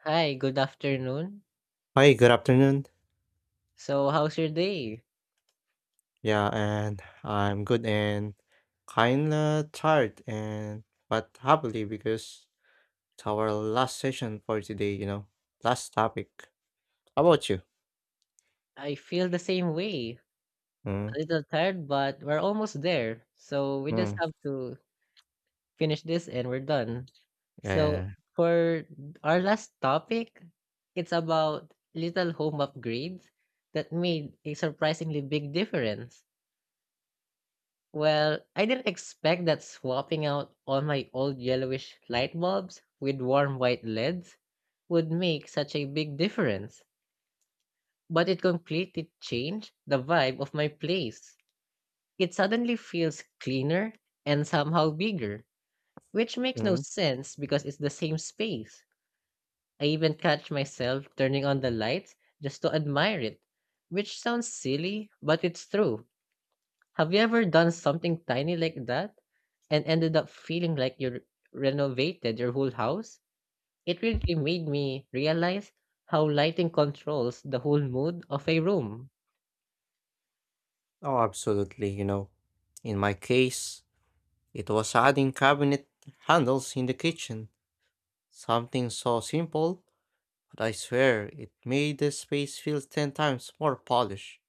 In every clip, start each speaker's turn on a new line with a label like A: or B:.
A: Hi, good afternoon.
B: Hi, good afternoon.
A: So, how's your day?
B: Yeah, and I'm good and kinda tired and but happily because it's our last session for today. Last topic. How about you?
A: I feel the same way.
B: Mm,
A: A little tired, but we're almost there. So, we just
B: mm,
A: have to finish this and we're done. So,
B: yeah.
A: for our last topic, it's about little home upgrades that made a surprisingly big difference. Well, I didn't expect that swapping out all my old yellowish light bulbs with warm white LEDs would make such a big difference. But it completely changed the vibe of my place. It suddenly feels cleaner and somehow bigger, which makes no
B: Mm.
A: sense because it's the same space. I even catch myself turning on the lights just to admire it, which sounds silly, but it's true. Have you ever done something tiny like that and ended up feeling like you renovated your whole house? It really made me realize how lighting controls the whole mood of a room.
B: Oh, absolutely. In my case, it was adding cabinet handles in the kitchen. Something so simple, but I swear it made the space feel 10 times more polished.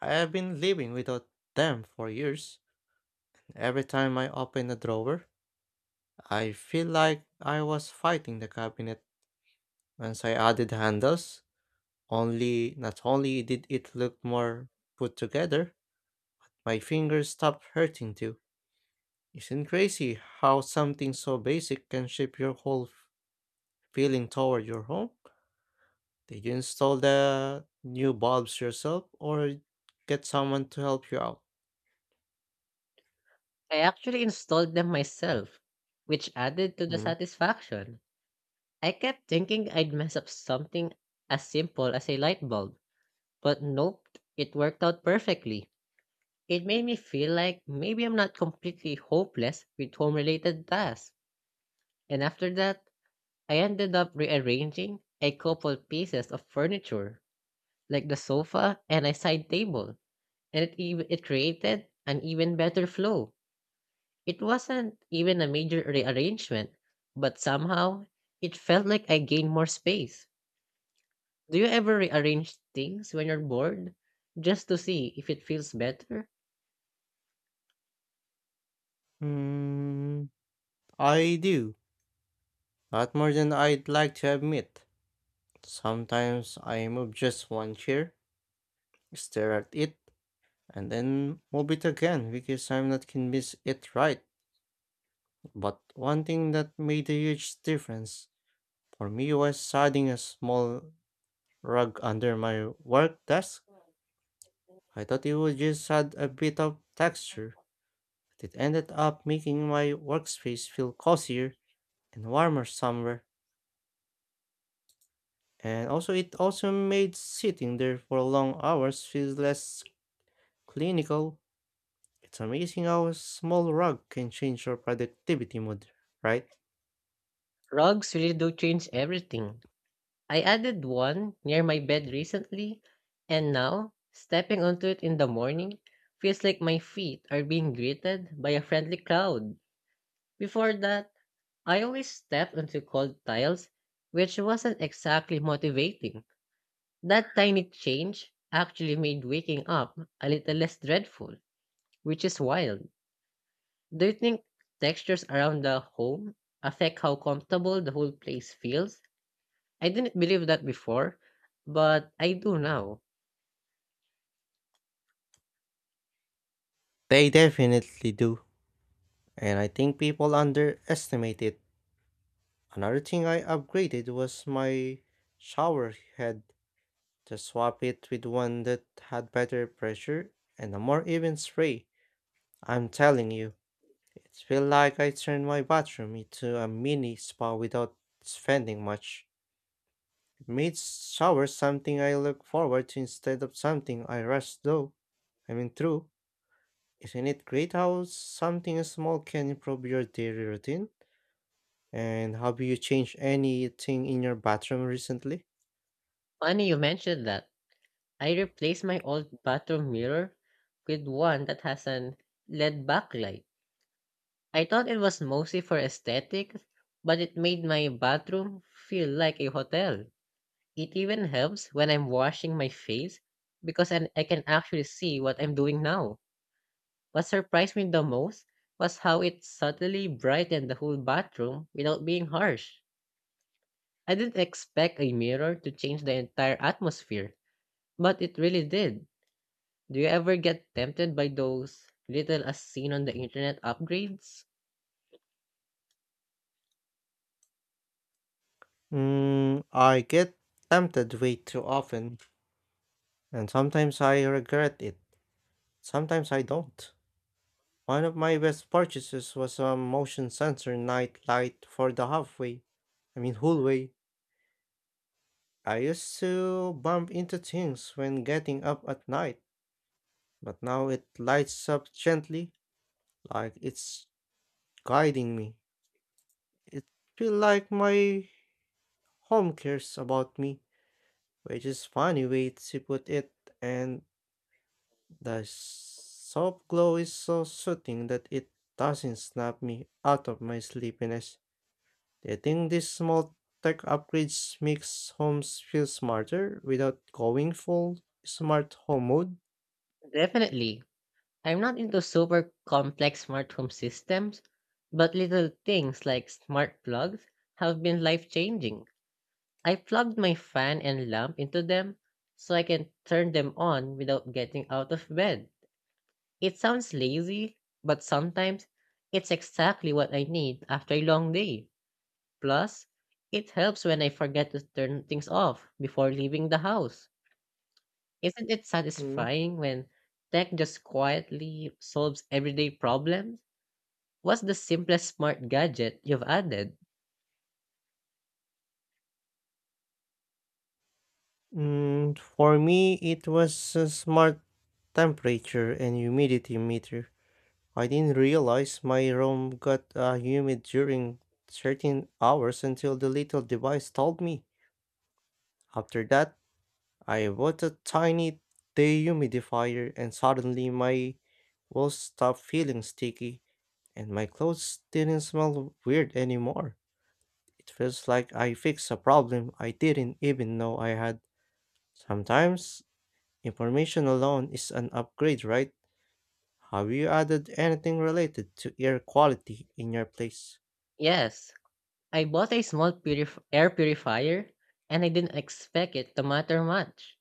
B: I have been living without them for years. Every time I open a drawer, I feel like I was fighting the cabinet. Once I added handles, only not only did it look more put together, my fingers stopped hurting too. Isn't crazy how something so basic can shape your whole feeling toward your home? Did you install the new bulbs yourself or get someone to help you out?
A: I actually installed them myself, which added to the
B: Mm.
A: satisfaction. I kept thinking I'd mess up something as simple as a light bulb, but nope, it worked out perfectly. It made me feel like maybe I'm not completely hopeless with home related tasks. And after that, I ended up rearranging a couple pieces of furniture, like the sofa and a side table, and it created an even better flow. It wasn't even a major rearrangement, but somehow it felt like I gained more space. Do you ever rearrange things when you're bored just to see if it feels better?
B: Hmm, I do, not more than I'd like to admit. Sometimes I move just one chair, stare at it, and then move it again because I'm not convinced it right. But one thing that made a huge difference for me was adding a small rug under my work desk. I thought it would just add a bit of texture, but it ended up making my workspace feel cozier and warmer somewhere. And also, it also made sitting there for long hours feel less clinical. It's amazing how a small rug can change your productivity mood, right?
A: Rugs really do change everything. I added one near my bed recently, and now stepping onto it in the morning feels like my feet are being greeted by a friendly crowd. Before that, I always stepped onto cold tiles, which wasn't exactly motivating. That tiny change actually made waking up a little less dreadful, which is wild. Do you think textures around the home affect how comfortable the whole place feels? I didn't believe that before, but I do now.
B: They definitely do. And I think people underestimate it. Another thing I upgraded was my shower head to swap it with one that had better pressure and a more even spray. I'm telling you, it felt like I turned my bathroom into a mini spa without spending much. It made shower something I look forward to instead of something I rush though. I mean, through. Isn't it great how something small can improve your daily routine? And have you changed anything in your bathroom recently?
A: Funny you mentioned that. I replaced my old bathroom mirror with one that has an LED backlight. I thought it was mostly for aesthetics, but it made my bathroom feel like a hotel. It even helps when I'm washing my face because I can actually see what I'm doing now. What surprised me the most was how it subtly brightened the whole bathroom without being harsh. I didn't expect a mirror to change the entire atmosphere, but it really did. Do you ever get tempted by those little as seen on the internet upgrades?
B: Mm, I get tempted way too often, and sometimes I regret it. Sometimes I don't. One of my best purchases was a motion sensor night light for the halfway, I mean hallway. I used to bump into things when getting up at night, but now it lights up gently, like it's guiding me. It feel like my home cares about me, which is funny way to put it, and the soft glow is so soothing that it doesn't snap me out of my sleepiness. Do you think these small tech upgrades makes homes feel smarter without going full smart home mode?
A: Definitely. I'm not into super complex smart home systems, but little things like smart plugs have been life changing. I plugged my fan and lamp into them so I can turn them on without getting out of bed. It sounds lazy, but sometimes it's exactly what I need after a long day. Plus, it helps when I forget to turn things off before leaving the house. Isn't it
B: Mm.
A: satisfying when tech just quietly solves everyday problems? What's the simplest smart gadget you've added?
B: Mm, for me, it was a smart temperature and humidity meter. I didn't realize my room got humid during 13 hours until the little device told me. After that, I bought a tiny dehumidifier and suddenly my walls stopped feeling sticky and my clothes didn't smell weird anymore. It feels like I fixed a problem I didn't even know I had. Sometimes information alone is an upgrade, right? Have you added anything related to air quality in your place?
A: Yes. I bought a small air purifier and I didn't expect it to matter much.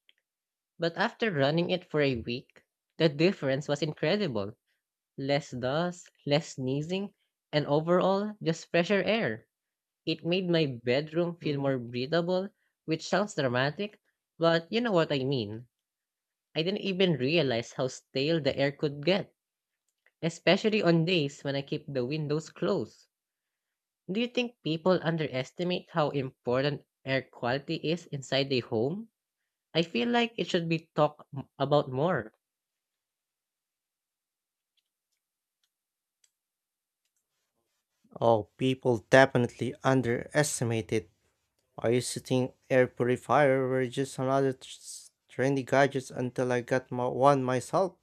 A: But after running it for a week, the difference was incredible. Less dust, less sneezing, and overall, just fresher air. It made my bedroom feel
B: Mhm.
A: more breathable, which sounds dramatic, but you know what I mean. I didn't even realize how stale the air could get, especially on days when I keep the windows closed. Do you think people underestimate how important air quality is inside the home? I feel like it should be talked about more.
B: Oh, people definitely underestimate it. I used to think air purifier were just another trendy gadgets until I got my one myself.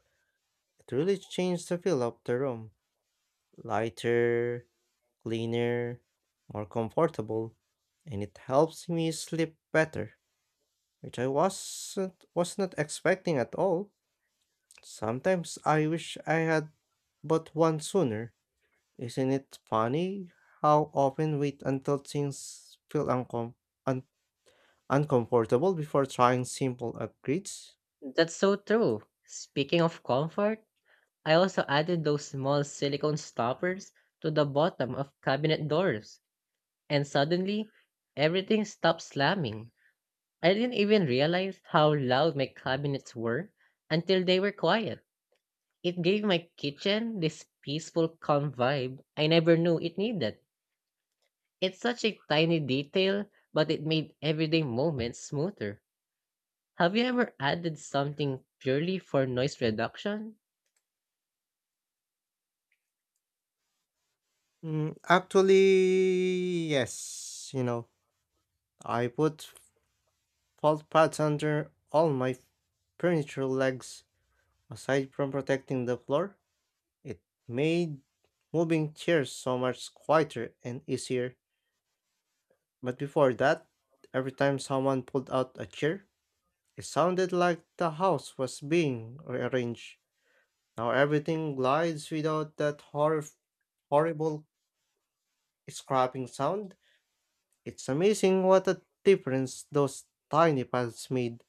B: It really changed the feel of the room. Lighter, cleaner, more comfortable, and it helps me sleep better, which I was not expecting at all. Sometimes I wish I had bought one sooner. Isn't it funny how often wait until things feel un- uncomfortable before trying simple upgrades?
A: That's so true. Speaking of comfort, I also added those small silicone stoppers to the bottom of cabinet doors, and suddenly everything stopped slamming. I didn't even realize how loud my cabinets were until they were quiet. It gave my kitchen this peaceful, calm vibe I never knew it needed. It's such a tiny detail, but it made everyday moments smoother. Have you ever added something purely for noise reduction?
B: Mm, actually, yes. I put fault pads under all my furniture legs. Aside from protecting the floor, it made moving chairs so much quieter and easier. But before that, every time someone pulled out a chair, it sounded like the house was being rearranged. Now everything glides without that horrible scraping sound. It's amazing what a difference those tiny pads made.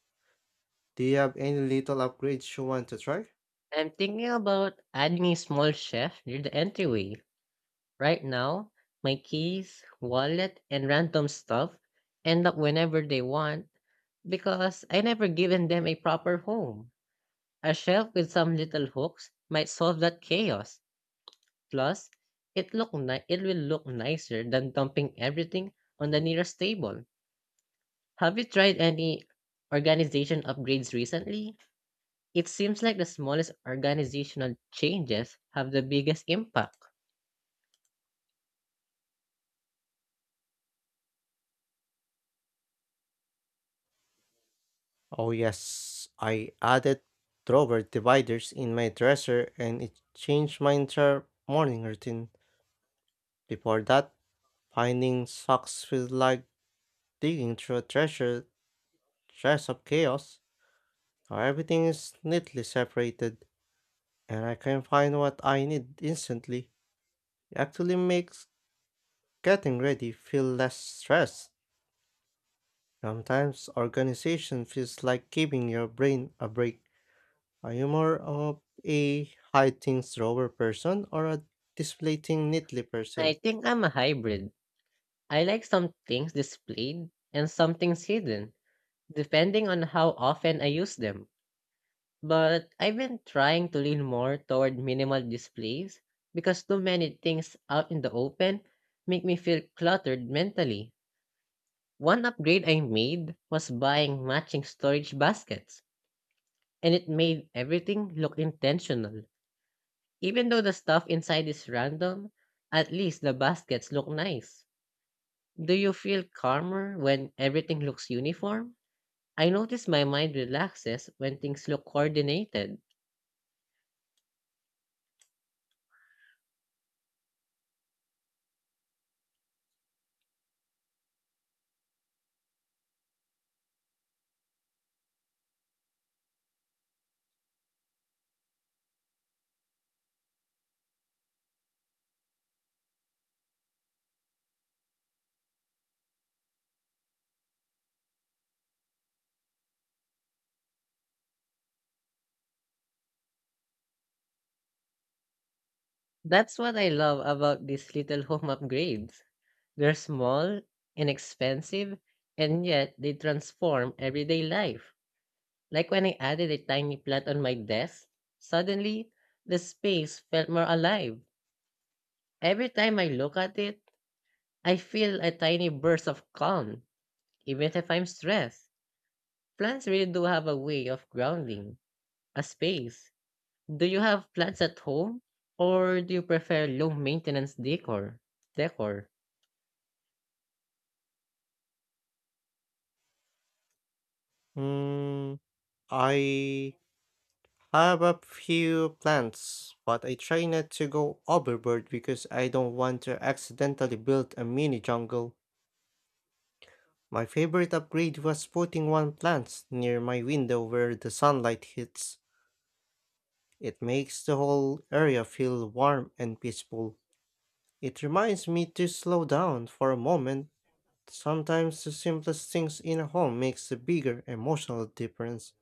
B: Do you have any little upgrades you want to try?
A: I'm thinking about adding a small shelf near the entryway. Right now, my keys, wallet, and random stuff end up whenever they want because I never given them a proper home. A shelf with some little hooks might solve that chaos. Plus, it will look nicer than dumping everything on the nearest table. Have you tried any organization upgrades recently? It seems like the smallest organizational changes have the biggest impact.
B: Oh, yes. I added drawer dividers in my dresser and it changed my entire morning routine. Before that, finding socks felt like digging through a treasure chest of chaos. Now everything is neatly separated, and I can find what I need instantly. It actually makes getting ready feel less stress. Sometimes organization feels like giving your brain a break. Are you more of a hide things drawer person or a display thing neatly
A: I
B: person?
A: think I'm a hybrid. I like some things displayed and some things hidden, depending on how often I use them. But I've been trying to lean more toward minimal displays because too many things out in the open make me feel cluttered mentally. One upgrade I made was buying matching storage baskets and it made everything look intentional. Even though the stuff inside is random, at least the baskets look nice. Do you feel calmer when everything looks uniform? I notice my mind relaxes when things look coordinated. That's what I love about these little home upgrades. They're small, inexpensive, and yet they transform everyday life. Like when I added a tiny plant on my desk, suddenly the space felt more alive. Every time I look at it, I feel a tiny burst of calm, even if I'm stressed. Plants really do have a way of grounding, a space. Do you have plants at home, or do you prefer low maintenance decor? Decor.
B: Hmm, I have a few plans, but I try not to go overboard because I don't want to accidentally build a mini jungle. My favorite upgrade was putting one plant near my window where the sunlight hits. It makes the whole area feel warm and peaceful. It reminds me to slow down for a moment. Sometimes the simplest things in a home makes a bigger emotional difference,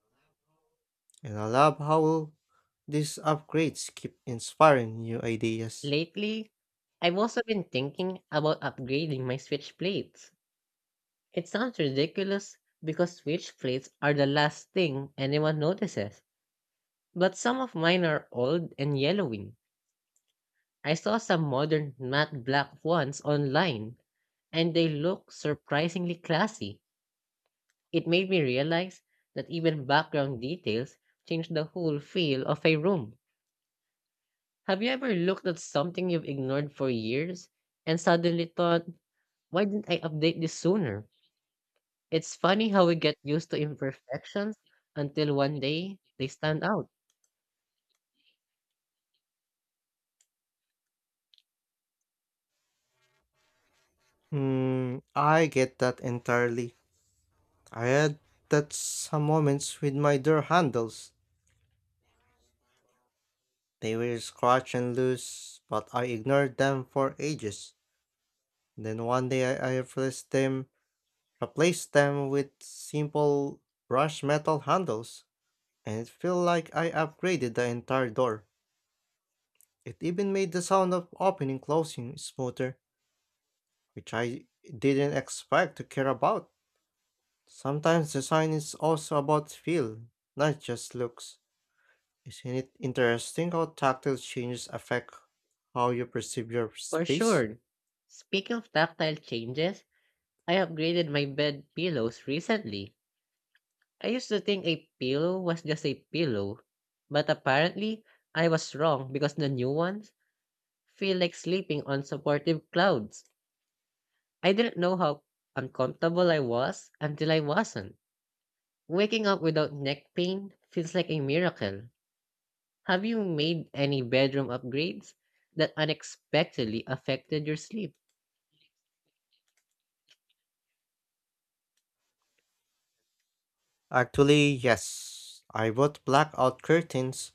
B: and I love how these upgrades keep inspiring new ideas.
A: Lately, I've also been thinking about upgrading my switch plates. It sounds ridiculous because switch plates are the last thing anyone notices, but some of mine are old and yellowing. I saw some modern matte black ones online, and they look surprisingly classy. It made me realize that even background details change the whole feel of a room. Have you ever looked at something you've ignored for years and suddenly thought, why didn't I update this sooner? It's funny how we get used to imperfections until one day they stand out.
B: Hmm, I get that entirely. I had that some moments with my door handles. They were scratched and loose, but I ignored them for ages. Then one day I replaced them with simple brushed metal handles, and it felt like I upgraded the entire door. It even made the sound of opening closing smoother, which I didn't expect to care about. Sometimes design is also about feel, not just looks. Isn't it interesting how tactile changes affect how you perceive your
A: For
B: space?
A: sure. Speaking of tactile changes, I upgraded my bed pillows recently. I used to think a pillow was just a pillow, but apparently I was wrong because the new ones feel like sleeping on supportive clouds. I didn't know how uncomfortable I was until I wasn't. Waking up without neck pain feels like a miracle. Have you made any bedroom upgrades that unexpectedly affected your sleep?
B: Actually, yes. I bought blackout curtains.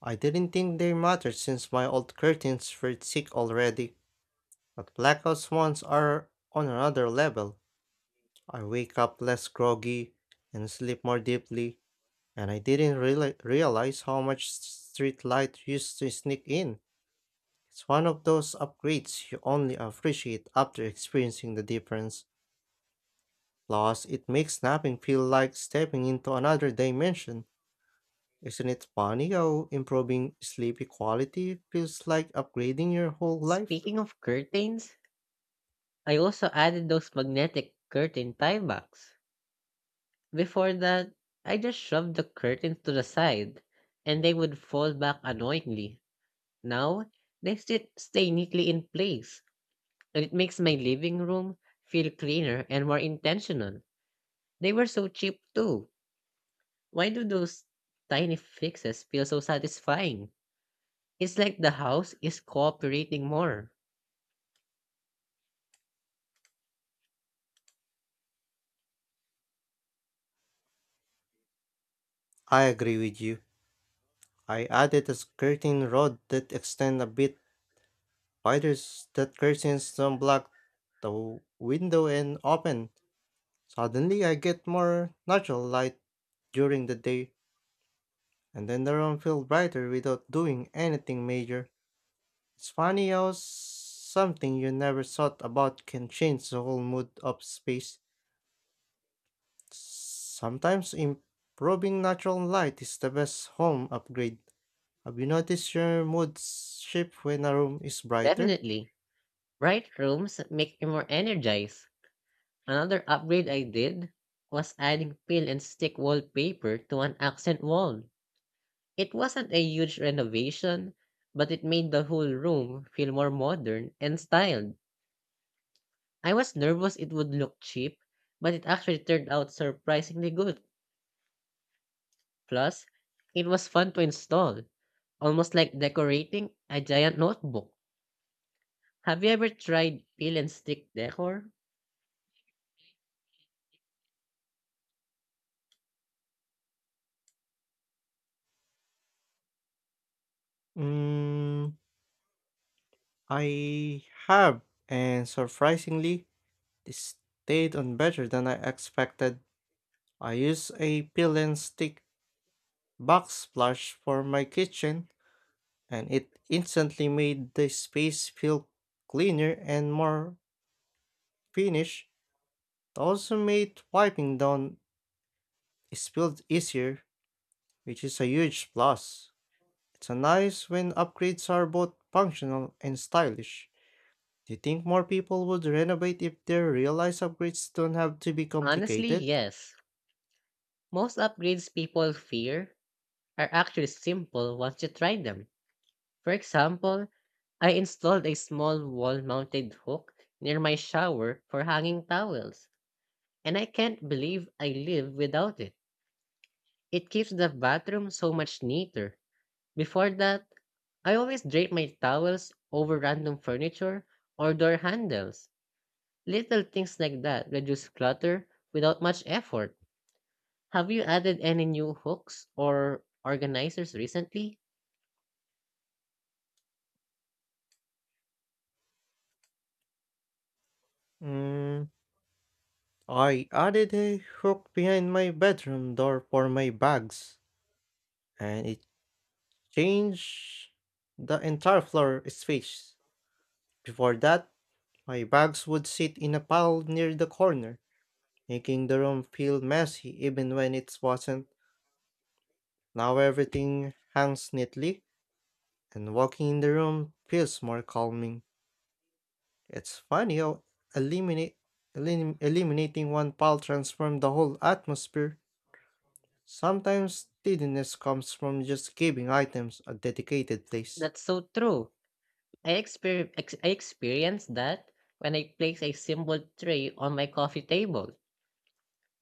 B: I didn't think they mattered since my old curtains were thick already. But blackout ones are on another level. I wake up less groggy and sleep more deeply. And I didn't realize how much street light used to sneak in. It's one of those upgrades you only appreciate after experiencing the difference. Plus, it makes napping feel like stepping into another dimension. Isn't it funny how improving sleep quality feels like upgrading your whole life?
A: Speaking of curtains, I also added those magnetic curtain tie backs. Before that, I just shoved the curtains to the side and they would fall back annoyingly. Now, they sit, stay neatly in place, and it makes my living room feel cleaner and more intentional. They were so cheap too. Why do those tiny fixes feel so satisfying? It's like the house is cooperating more.
B: I agree with you. I added a curtain rod that extends a bit wider that curtains don't block the window and open. Suddenly I get more natural light during the day and then the room feels brighter without doing anything major. It's funny how something you never thought about can change the whole mood of space. Sometimes improving natural light is the best home upgrade. Have you noticed your mood shift when a room is brighter?
A: Definitely, bright rooms make me more energized. Another upgrade I did was adding peel and stick wallpaper to an accent wall. It wasn't a huge renovation, but it made the whole room feel more modern and styled. I was nervous it would look cheap, but it actually turned out surprisingly good. Plus, it was fun to install, almost like decorating a giant notebook. Have you ever tried peel and stick decor?
B: Mm, I have, and surprisingly, this stayed on better than I expected. I use a peel and stick backsplash for my kitchen, and it instantly made the space feel cleaner and more finished. It also made wiping down spilled easier, which is a huge plus. It's a nice when upgrades are both functional and stylish. Do you think more people would renovate if they realize upgrades don't have to be
A: Honestly,
B: complicated?
A: yes. Most upgrades people fear are actually simple once you try them. For example, I installed a small wall mounted hook near my shower for hanging towels, and I can't believe I live without it. It keeps the bathroom so much neater. Before that, I always drape my towels over random furniture or door handles. Little things like that reduce clutter without much effort. Have you added any new hooks or organizers recently?
B: Mm, I added a hook behind my bedroom door for my bags, and it changed the entire floor space. Before that, my bags would sit in a pile near the corner, making the room feel messy even when it wasn't. Now everything hangs neatly, and walking in the room feels more calming. It's funny how eliminate, eliminating one pile transforms the whole atmosphere. Sometimes steadiness comes from just giving items a dedicated place.
A: That's so true. I experienced that when I place a symbol tray on my coffee table.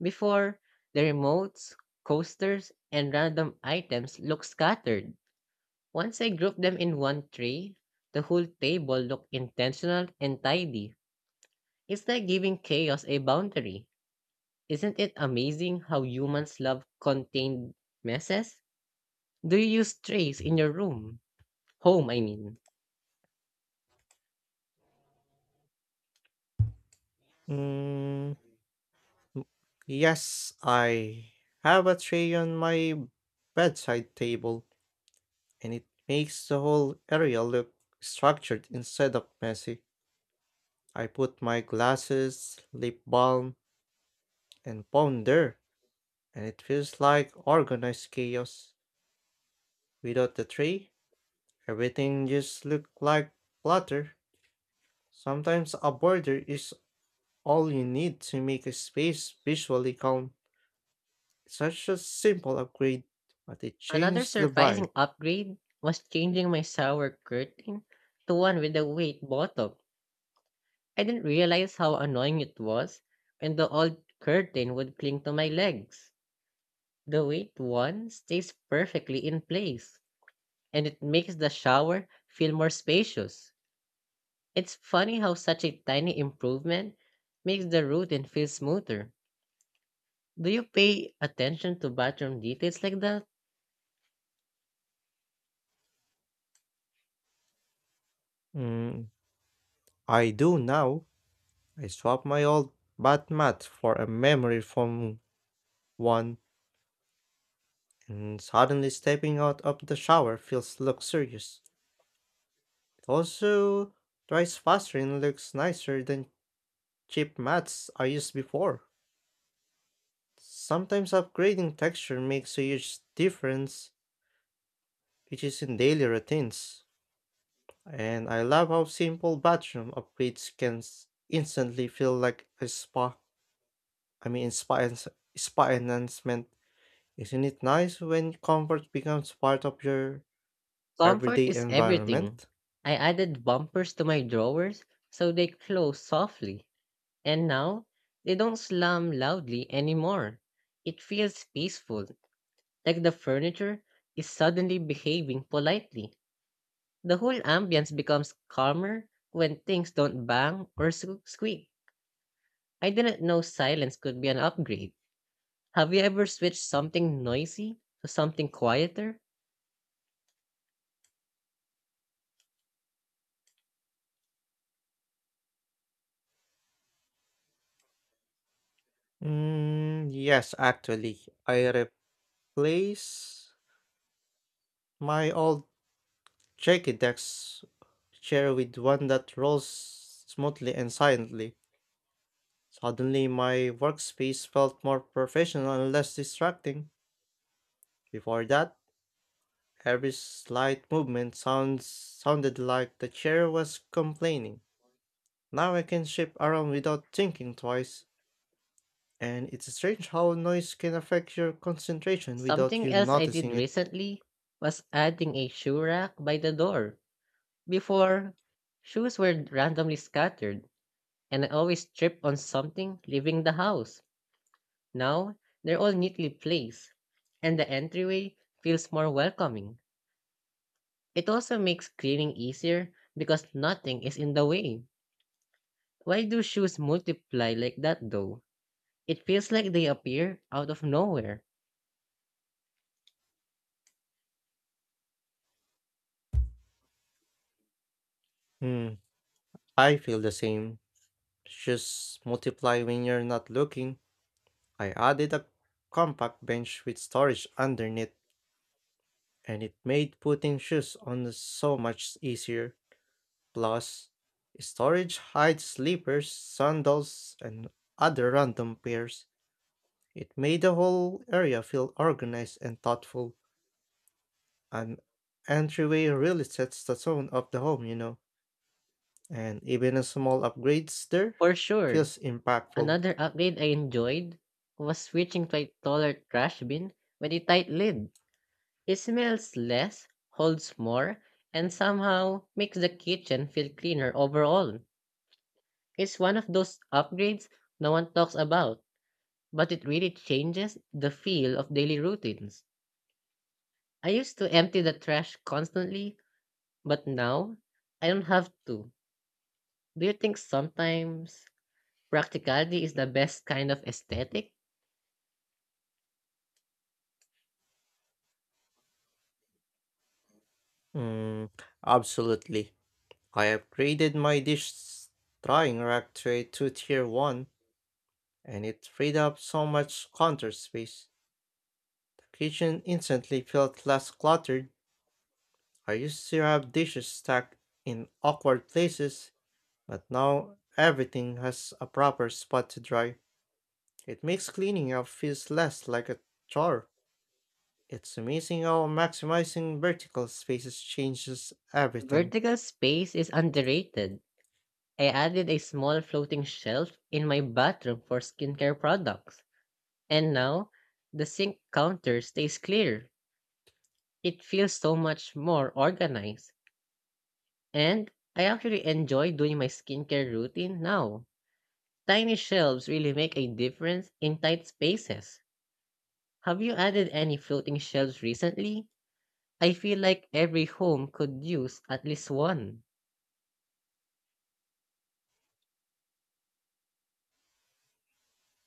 A: Before, the remotes, coasters, and random items look scattered. Once I group them in one tray, the whole table look intentional and tidy. It's like giving chaos a boundary. Isn't it amazing how humans love contained messes? Do you use trays in your room? Home, I mean.
B: Mm, m- yes, I have a tray on my bedside table, and it makes the whole area look structured instead of messy. I put my glasses, lip balm, and ponder, and it feels like organized chaos. Without the tree, everything just looks like clutter. Sometimes a border is all you need to make a space visually calm. Such a simple upgrade, but it
A: Another
B: changed the vibe.
A: surprising upgrade was changing my shower curtain to one with a weight bottom. I didn't realize how annoying it was when the old curtain would cling to my legs. The weight one stays perfectly in place, and it makes the shower feel more spacious. It's funny how such a tiny improvement makes the routine feel smoother. Do you pay attention to bathroom details like that?
B: Mm, I do now. I swap my old bath mat for a memory foam one, and suddenly stepping out of the shower feels luxurious. Also, rice pastry looks nicer than cheap mats I used before. Sometimes upgrading texture makes a huge difference, which is in daily routines. And I love how simple bathroom upgrades can instantly feel like a spa. I mean, spa, spa enhancement. Isn't it nice when comfort becomes part of your
A: Comfort
B: everyday
A: is everything.
B: environment?
A: I added bumpers to my drawers so they close softly, and now they don't slam loudly anymore. It feels peaceful, like the furniture is suddenly behaving politely. The whole ambience becomes calmer when things don't bang or squeak. I didn't know silence could be an upgrade. Have you ever switched something noisy to something quieter?
B: Mm, yes, actually. I replace my old Check a dex chair with one that rolls smoothly and silently. Suddenly, my workspace felt more professional and less distracting. Before that, every slight movement sounds sounded like the chair was complaining. Now I can shift around without thinking twice, and it's strange how noise can affect your concentration without
A: Something
B: you
A: else I did
B: noticing it.
A: recently was adding a shoe rack by the door. Before, shoes were randomly scattered, and I always tripped on something leaving the house. Now, they're all neatly placed, and the entryway feels more welcoming. It also makes cleaning easier because nothing is in the way. Why do shoes multiply like that though? It feels like they appear out of nowhere.
B: Hmm, I feel the same. Just multiply when you're not looking. I added a compact bench with storage underneath, and it made putting shoes on so much easier. Plus, storage hides slippers, sandals, and other random pairs. It made the whole area feel organized and thoughtful. An entryway really sets the tone of the home, and even a small upgrades there
A: For sure.
B: feels impactful.
A: Another upgrade I enjoyed was switching to a taller trash bin with a tight lid. It smells less, holds more, and somehow makes the kitchen feel cleaner overall. It's one of those upgrades no one talks about, but it really changes the feel of daily routines. I used to empty the trash constantly, but now I don't have to. Do you think sometimes practicality is the best kind of aesthetic?
B: Mm, absolutely. I upgraded my dish drying rack to a two tier one, and it freed up so much counter space. The kitchen instantly felt less cluttered. I used to have dishes stacked in awkward places, but now everything has a proper spot to dry. It makes cleaning up feels less like a chore. It's amazing how maximizing vertical spaces changes everything.
A: Vertical space is underrated. I added a small floating shelf in my bathroom for skincare products. And now, the sink counter stays clear. It feels so much more organized. And I actually enjoy doing my skincare routine now. Tiny shelves really make a difference in tight spaces. Have you added any floating shelves recently? I feel like every home could use at least one.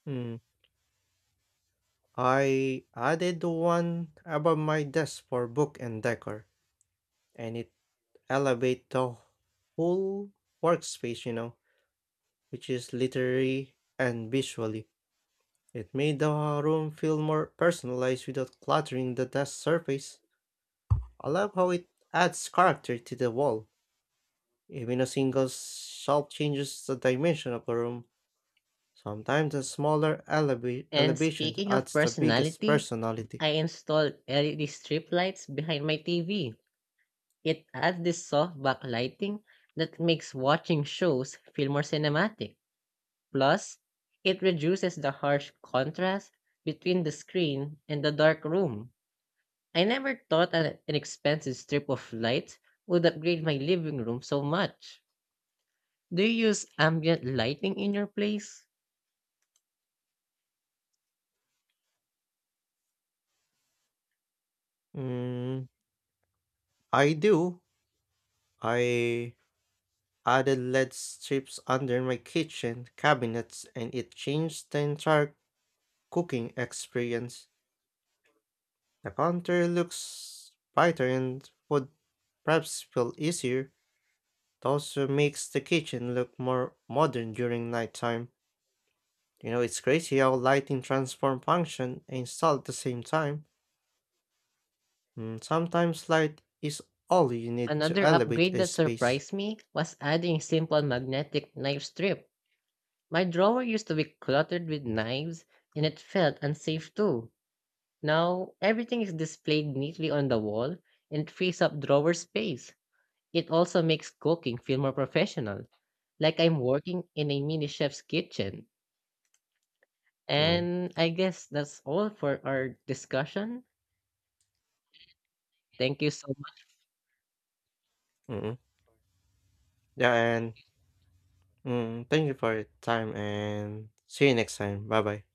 B: Hmm. I added one above my desk for book and decor, and it elevates the whole workspace, which is literary and visually. It made the room feel more personalized without cluttering the desk surface. I love how it adds character to the wall. Even a single shelf changes the dimension of a room. Sometimes a smaller
A: And
B: elevation
A: speaking of
B: adds the biggest
A: personality,
B: personality.
A: I installed LED strip lights behind my TV. It adds this soft backlighting that makes watching shows feel more cinematic. Plus, it reduces the harsh contrast between the screen and the dark room. I never thought an expensive strip of lights would upgrade my living room so much. Do you use ambient lighting in your place?
B: Mm, I do, I added LED strips under my kitchen cabinets and it changed the entire cooking experience. The counter looks brighter and would perhaps feel easier. It also makes the kitchen look more modern during nighttime. It's crazy how lighting transform function and install at the same time. Mm, sometimes light is all you need to
A: Another
B: elevate
A: upgrade
B: a
A: that
B: space.
A: surprised me was adding a simple magnetic knife strip. My drawer used to be cluttered with knives and it felt unsafe too. Now, everything is displayed neatly on the wall and frees up drawer space. It also makes cooking feel more professional, like I'm working in a mini chef's kitchen.
B: Mm,
A: And I guess that's all for our discussion. Thank you so
B: mm, mm. Yeah, thank you for your time and see you next time. Bye bye.